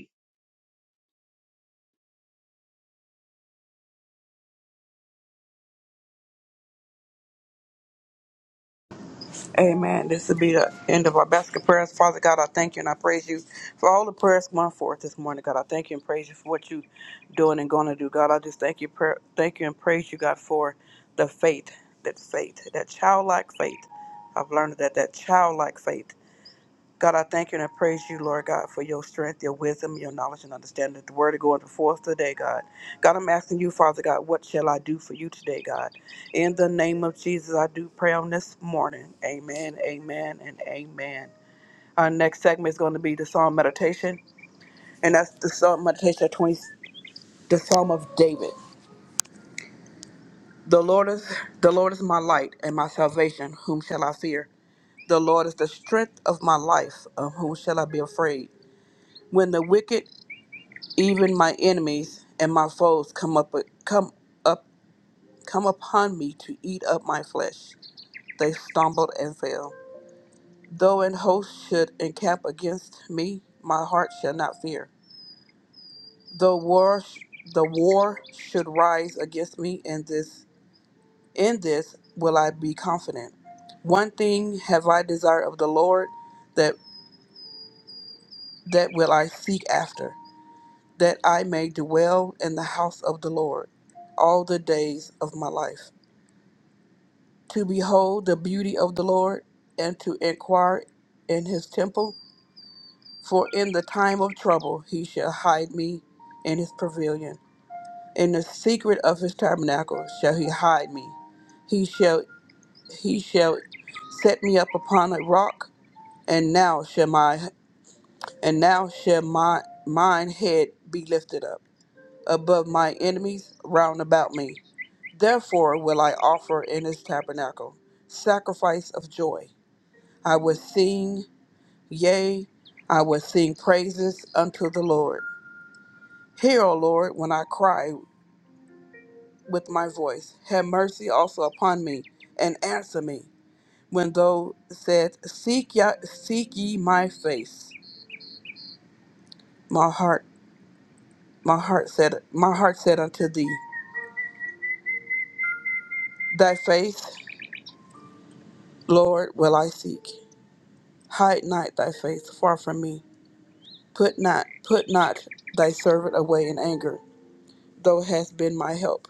Amen. This will be the end of our basket prayers. Father God, I thank you and I praise you for all the prayers going forth this morning. God, I thank you and praise you for what you doing and going to do. God, I just thank you, pra- thank you and praise you, God, for the faith, that faith, that childlike faith. I've learned that that childlike faith. God, I thank you and I praise you, Lord God, for your strength, your wisdom, your knowledge, and understanding of the word going before us today, God. God, I'm asking you, Father God, what shall I do for you today, God? In the name of Jesus, I do pray on this morning. Amen, amen, and amen. Our next segment is going to be the Psalm Meditation, and that's the Psalm Meditation of 20, the Psalm of David. The Lord is the Lord is my light and my salvation. Whom shall I fear? The Lord is the strength of my life. Of whom shall I be afraid? When the wicked Even my enemies and my foes come up come up come upon me to eat up my flesh. They stumbled and fell. Though an host should encamp against me, my heart shall not fear. Though war sh- the war should rise against me in this in this will I be confident. One thing have I desired of the Lord that that will I seek after, that I may dwell in the house of the Lord all the days of my life to behold the beauty of the Lord and to inquire in his temple. For in the time of trouble he shall hide me in his pavilion. In the secret of his tabernacle shall he hide me. He shall he shall set me up upon a rock, and now shall my and now shall my mine head be lifted up above my enemies round about me. Therefore will I offer in his tabernacle sacrifice of joy. I will sing, yea, I will sing praises unto the Lord. Hear, O Lord, when I cry with my voice. Have mercy also upon me, and answer me. When thou said, Seek ye, seek ye my face, my heart, my heart said, my heart said unto thee, Thy face, Lord, will I seek. Hide not thy face far from me. Put not, put not thy servant away in anger. Thou hast been my help.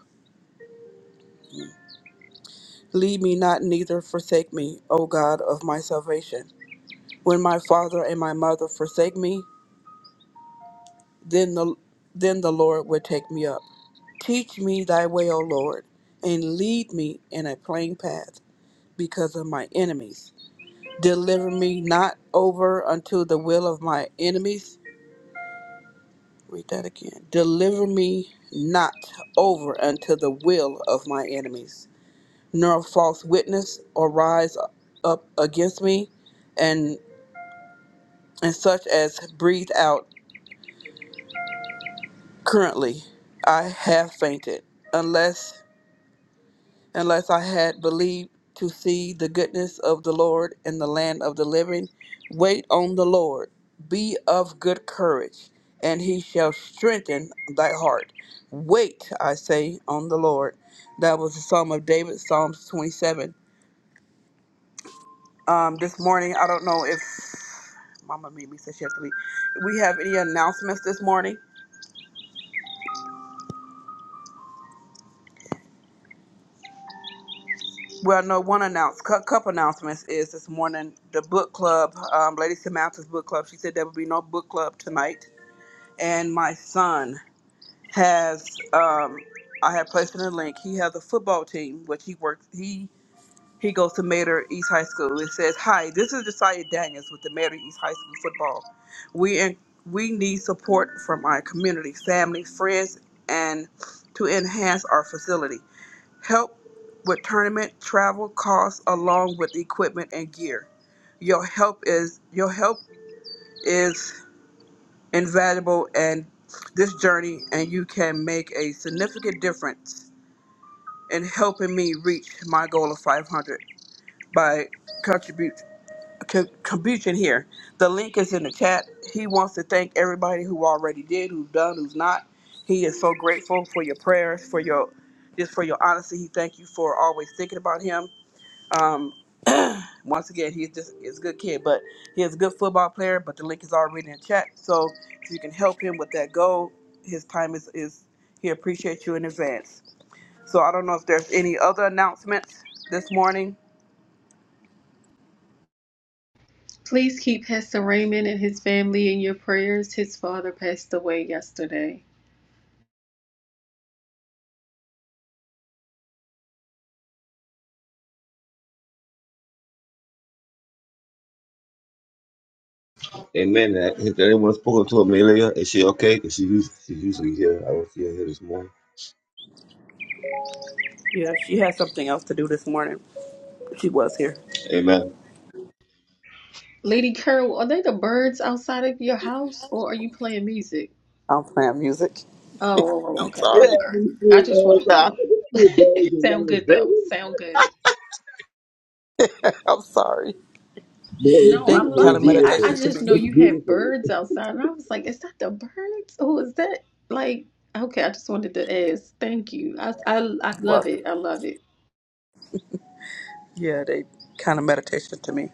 Leave me not, neither forsake me, O God of my salvation. When my father and my mother forsake me, then the then the Lord will take me up. Teach me thy way, O Lord, and lead me in a plain path because of my enemies. Deliver me not over unto the will of my enemies. Read that again. Deliver me not over unto the will of my enemies, nor a false witness arise up against me, and. and such as breathe out currently i have fainted unless unless i had believed to see the goodness of the lord in the land of the living wait on the lord be of good courage and he shall strengthen thy heart wait i say on the lord that was the psalm of david psalms 27 um this morning i don't know if mama made me say she has to leave we have any announcements this morning Well, no, one announce, cou- couple announcements is this morning the book club, um, Lady Samantha's book club. She said there will be no book club tonight. And my son has, um, I have placed in a link. He has a football team, which he works. He he goes to Mater East High School. It says, "Hi, this is Josiah Daniels with the Mater East High School football. We in, we need support from our community, family, friends, and to enhance our facility. Help with tournament travel costs along with equipment and gear. Your help is your help is invaluable in this journey and you can make a significant difference in helping me reach my goal of 500 by contribute co- contribution here. The link is in the chat. He wants to thank everybody who already did, who's done, who's not. He is so grateful for your prayers, for your just for your honesty. He thank you for always thinking about him Once again, he's just is a good kid, but he is a good football player. But the link is already in chat, so if you can help him with that goal, his time is is he appreciates you in advance. So I don't know if there's any other announcements this morning. Please keep Pastor Raymond and his family in your prayers. His father passed away yesterday. Amen. Has anyone spoken to Amelia? Is she okay? Is she usually, she's usually here? I don't see her here this morning. Yeah, she had something else to do this morning. She was here. Amen. Lady Carol, are they the birds outside of your house or are you playing music? I'm playing music. Oh, oh, oh, I'm okay. I'm Yeah, sorry. sorry. me I too, just man. wanted to So I know. think it's two birds <laughs> in one. Sound It's good though. Sound good. <laughs> I'm sorry. No, I They beautiful. kind It's love of it. I, I beautiful. meditation to just me. know It's you have beautiful. birds outside and I was like, is that the birds? Oh, is that like okay, I just wanted to ask. Thank you. I I, I love Welcome. it. I love it. Yeah, they kind of meditation to me.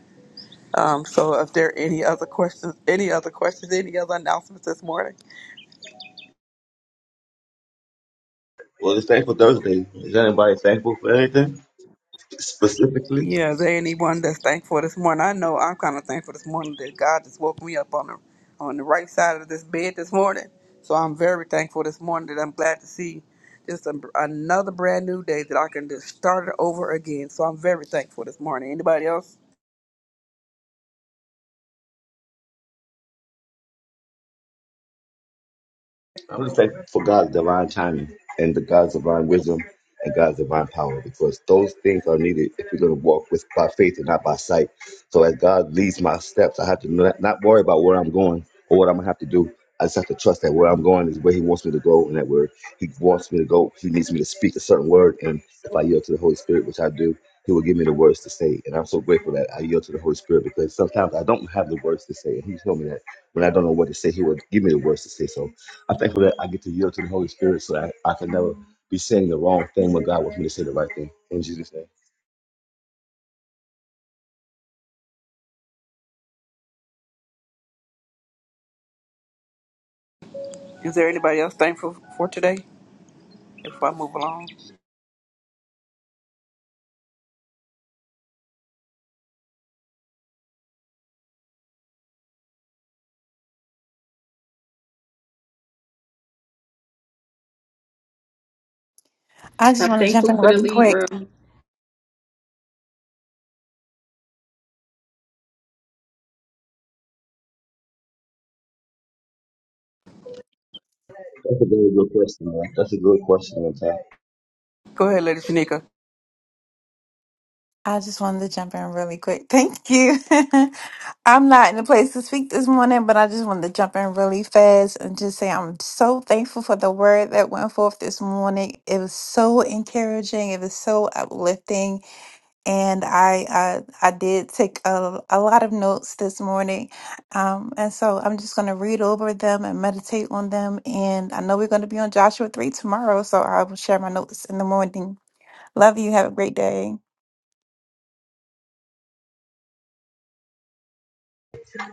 Um, so if there are any other questions, any other questions, any other announcements this morning? Well, it's thankful Thursday. Is anybody thankful for anything specifically? Yeah, is there anyone that's thankful this morning? I know I'm kind of thankful this morning that God just woke me up on the on the right side of this bed this morning. So I'm very thankful this morning that I'm glad to see just a, another brand new day that I can just start it over again. So I'm very thankful this morning. Anybody else? I'm just thankful for God's divine timing and the God's divine wisdom and God's divine power because those things are needed if we're going to walk with by faith and not by sight. So as God leads my steps, I have to not not worry about where I'm going or what I'm going to have to do. I just have to trust that where I'm going is where He wants me to go, and that where He wants me to go, He needs me to speak a certain word. And if I yield to the Holy Spirit, which I do, He will give me the words to say. And I'm so grateful that I yield to the Holy Spirit because sometimes I don't have the words to say. And He told me that when I don't know what to say, He will give me the words to say. So I'm thankful that I get to yield to the Holy Spirit so that I, I can never be saying the wrong thing when God wants me to say the right thing. In Jesus' name. Is there anybody else thankful for today? If I move along, I just I'm want to jump in thankful for the really lead quick. room. That's a very good question, man. That's a good question, man. Ty. go ahead, Lady Shanika. I just wanted to jump in really quick. Thank you. <laughs> I'm not in a place to speak this morning, but I just wanted to jump in really fast and just say I'm so thankful for the word that went forth this morning. It was so encouraging. It was so uplifting, and I I, I did take a, a lot of notes this morning, um, and so I'm just going to read over them and meditate on them. And I know we're going to be on Joshua three tomorrow, so I will share my notes in the morning. Love you. Have a great day.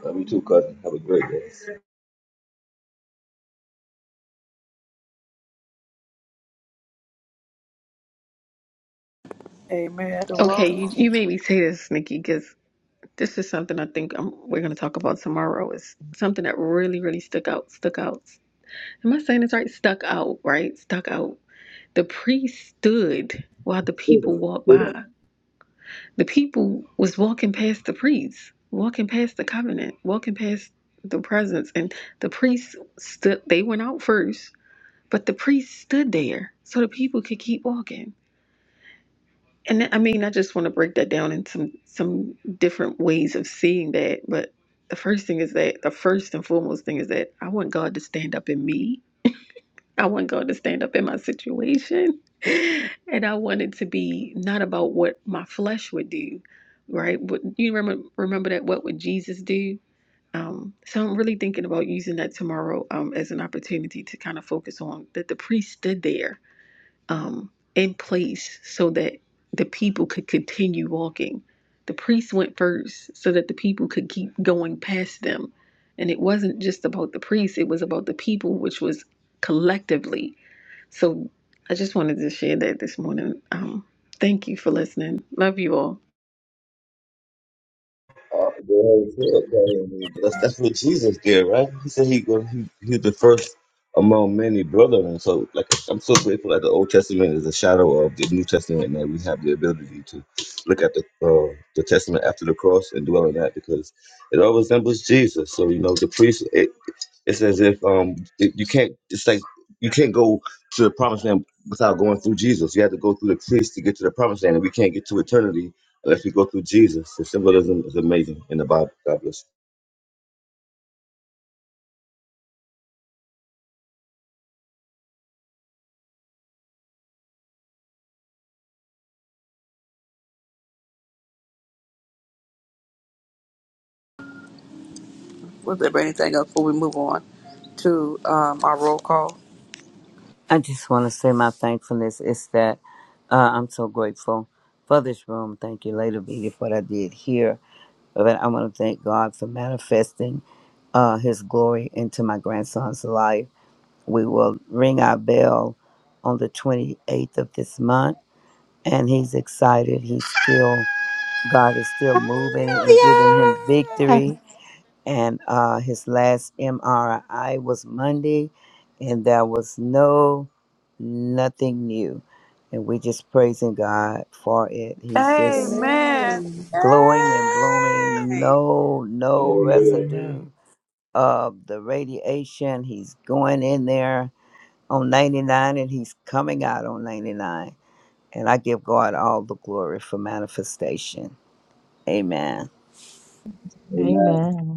Love you too, cousin. Have a great day. Amen. The Okay, you, you world. made me say this, Nikki, because this is something I think i we're going to talk about tomorrow. Is something that really, really stuck out, stuck out Am I saying this right? Stuck out, right? Stuck out. The priest stood while the people walked Good, by. The people was walking past the priest, walking past the covenant, walking past the presence, and the priest stood. They went out first, but the priest stood there so the people could keep walking. And that- I mean, I just want to break that down in some some different ways of seeing that. But the first thing is that the first and foremost thing is that I want God to stand up in me I want God to stand up in my situation. <laughs> And I want it to be not about what my flesh would do, right? What you remember remember that what would Jesus do? Um, so I'm really thinking about using that tomorrow um, as an opportunity to kind of focus on that the priest stood there um, in place so that the people could continue walking. The priest went first so that the people could keep going past them. And it wasn't just about the priest, it was about the people, which was collectively. So I just wanted to share that this morning. Um, thank you for listening. Love you all. Uh, go ahead and say That's that's what Jesus did, right? He said he go he he's the first among many brethren. so, like I'm so grateful that the Old Testament is a shadow of the New Testament, and that we have the ability to look at the uh, the Testament after the cross and dwell on that because it all resembles Jesus. So you know, the priest. It's as if um it, you can't. It's like you can't go to the promised land without going through Jesus. You have to go through the priest to get to the promised land, and we can't get to eternity unless we go through Jesus. The symbolism is amazing in the Bible. God bless. Was there anything else before we move on to um, our roll call? I just want to say my thankfulness is that uh, I'm so grateful for this room. Thank you, Lady B, for what I did here. But I want to thank God for manifesting uh, His glory into my grandson's life. We will ring our bell on the 28th of this month, and he's excited. He's still, God is still moving and giving him Ah, victory and uh, his last MRI was Monday, and there was no nothing new, and we just praising God for it. He's just Amen. Amen. glowing and blooming. Yay! No, no Amen. Hallelujah. residue Amen. of the radiation. He's going in there on 99, and he's coming out on 99. And I give God all the glory for manifestation. Amen. Amen. Amen.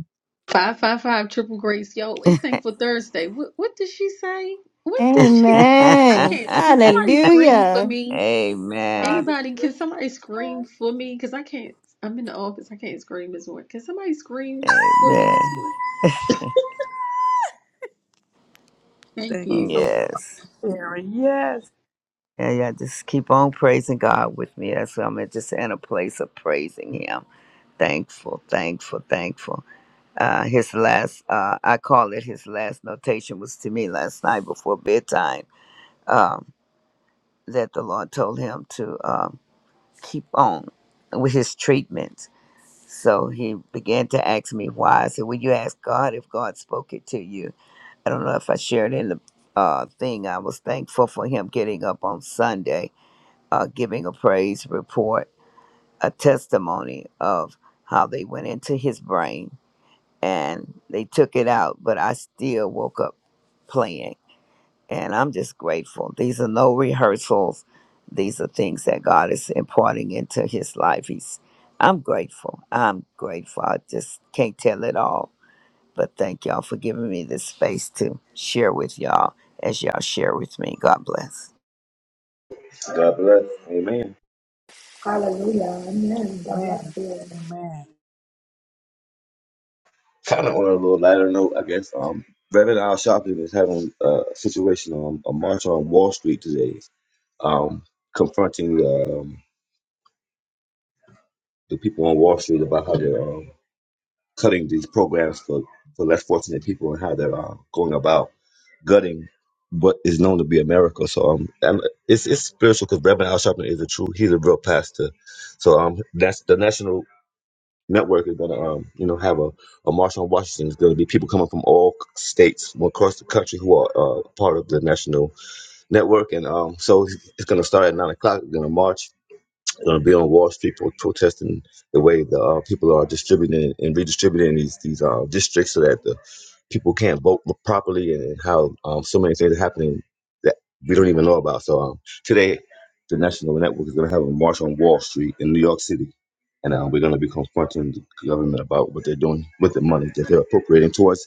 Five five five triple grace, yo. It's thankful Thursday. What what did she say? What did she? <laughs> I Amen. can't. Can somebody scream for Hallelujah. me? Amen. God is Anybody? good. Can somebody scream for me? Because I can't. I'm in the office. I can't scream this morning. Can somebody scream for me Amen. this morning? Thank Thank you you. so much, Yes. Sharon. Yes, Yeah, yeah. Just keep on praising God with me. That's what I'm in, just in a place of praising Him. Thankful, thankful, thankful. Uh, his last, uh, I call it his last notation was to me last night before bedtime um, that the Lord told him to um, keep on with his treatment. So he began to ask me why. I said, Will you ask God if God spoke it to you? I don't know if I shared in the uh, thing. I was thankful for him getting up on Sunday uh, giving a praise report, a testimony of how they went into his brain and they took it out, but I still woke up playing. And I'm just grateful. These are no rehearsals. These are things that God is imparting into his life. He's I'm grateful. I'm grateful. I just can't tell it all. But thank y'all for giving me this space to share with y'all as y'all share with me. God bless. God bless. Amen. Hallelujah. Amen. God man. bless you. Amen. Kind of on a little lighter note, I guess. Um, Reverend Al Sharpton is having uh, a situation on a march on Wall Street today, um, confronting um, the people on Wall Street about how they're. cutting these programs for, for less fortunate people and how they're uh, going about gutting what is known to be America. So um, and it's it's spiritual because Reverend Al Sharpton is a true he's a real pastor. So um, that's the national network is gonna um you know have a, a march on Washington. It's gonna be people coming from all states from across the country who are uh, part of the national network, and um so it's gonna start at nine o'clock. We're gonna march going to be on Wall Street pro- protesting the way the uh, people are distributing and redistributing these these uh, districts so that the people can't vote properly and how um, so many things are happening that we don't even know about. So um, today, the National Network is going to have a march on Wall Street in New York City, and uh, we're going to be confronting the government about what they're doing with the money that they're appropriating towards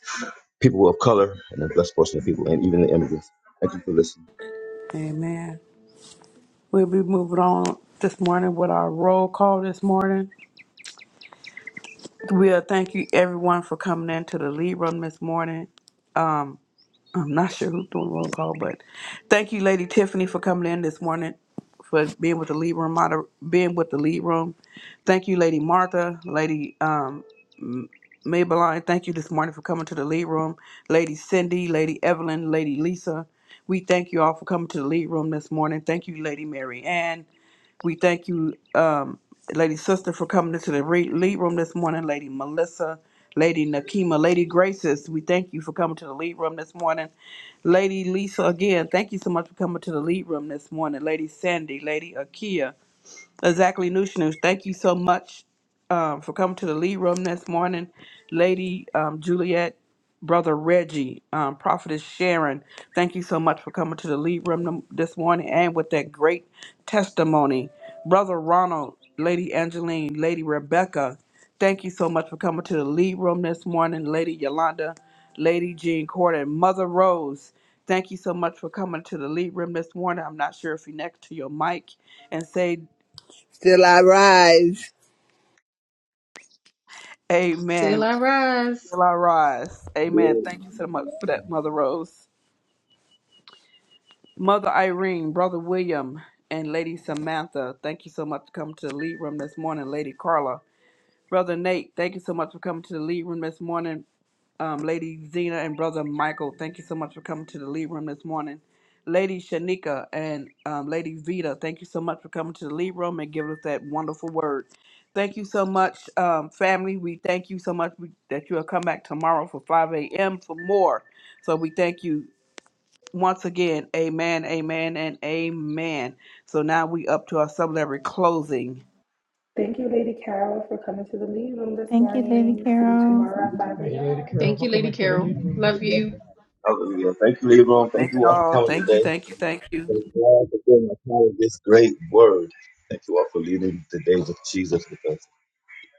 people of color and the less fortunate people, and even the immigrants. Thank you for listening. Amen. We'll be moving on this morning with our roll call this morning. We'll thank you everyone for coming in to the lead room this morning. Um, I'm not sure who's doing roll call, but thank you, Lady Tiffany, for coming in this morning for being with the lead room moder- being with the lead room. Thank you, Lady Martha, Lady um, Maybelline, thank you this morning for coming to the lead room. Lady Cindy, Lady Evelyn, Lady Lisa, we thank you all for coming to the lead room this morning. Thank you, Lady Mary Ann. We thank you, um, Lady Sister, for coming into the re- lead room this morning. Lady Melissa, Lady Nakima, Lady Graces, we thank you for coming to the lead room this morning. Lady Lisa, again, thank you so much for coming to the lead room this morning. Lady Sandy, Lady Akia, Exactly, Nushnush. Thank you so much um, for coming to the lead room this morning, Lady um, Juliet, Brother Reggie, um, Prophetess Sharon. Thank you so much for coming to the lead room th- this morning and with that great testimony, Brother Ronald, Lady Angeline, Lady Rebecca. Thank you so much for coming to the lead room this morning, Lady Yolanda, Lady Jean Corden, Mother Rose. Thank you so much for coming to the lead room this morning. I'm not sure if you're next to your mic and say Still I rise. Still Amen. I rise. Will I rise? Amen. Thank you so much for that, Mother Rose. Mother Irene, Brother William, and Lady Samantha, thank you so much for coming to the lead room this morning, Lady Carla. Brother Nate, thank you so much for coming to the lead room this morning. Um, Lady Zena and Brother Michael, thank you so much for coming to the lead room this morning. Lady Shanika and um, Lady Vita, thank you so much for coming to the lead room and giving us that wonderful word. Thank you so much, um, family. We thank you so much we, that you'll come back tomorrow for 5 a.m. for more. So we thank you once again. Amen, amen, and amen. So now we up to our celebratory closing. Thank you, Lady Carol, for coming to the lead room this Thank you, Lady morning. See you Carol. tomorrow at 5 Thank you, Lady a.m. Carol, Thank for you, Lady coming to the Carol. lead room this Love you. morning. Hallelujah. Thank you, Lebron. Thank Thank you you all for all. coming Thank you, today. thank you, thank you. Thank God for being a part of this great word. Thank you all for leading the days of Jesus with us.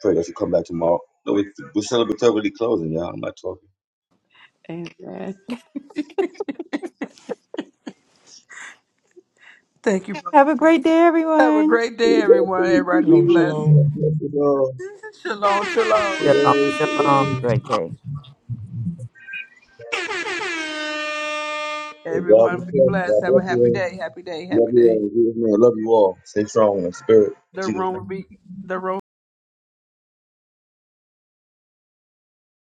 Pray that you come back tomorrow. No, we, we celebrate already closing, y'all. I'm not talking. Amen. Thank you, brother. Have a great day, Have a everyone. great day, God bless everyone. you. Everybody be Shalom, blessed. shalom. <laughs> shalom, shalom. Shalom, shalom. Great day. Everyone be blessed. God Have bless a happy you. day, happy day, Love happy you all. day. in Jesus' name. Love you all. Stay strong in spirit. In The Jesus' room name. will be the room.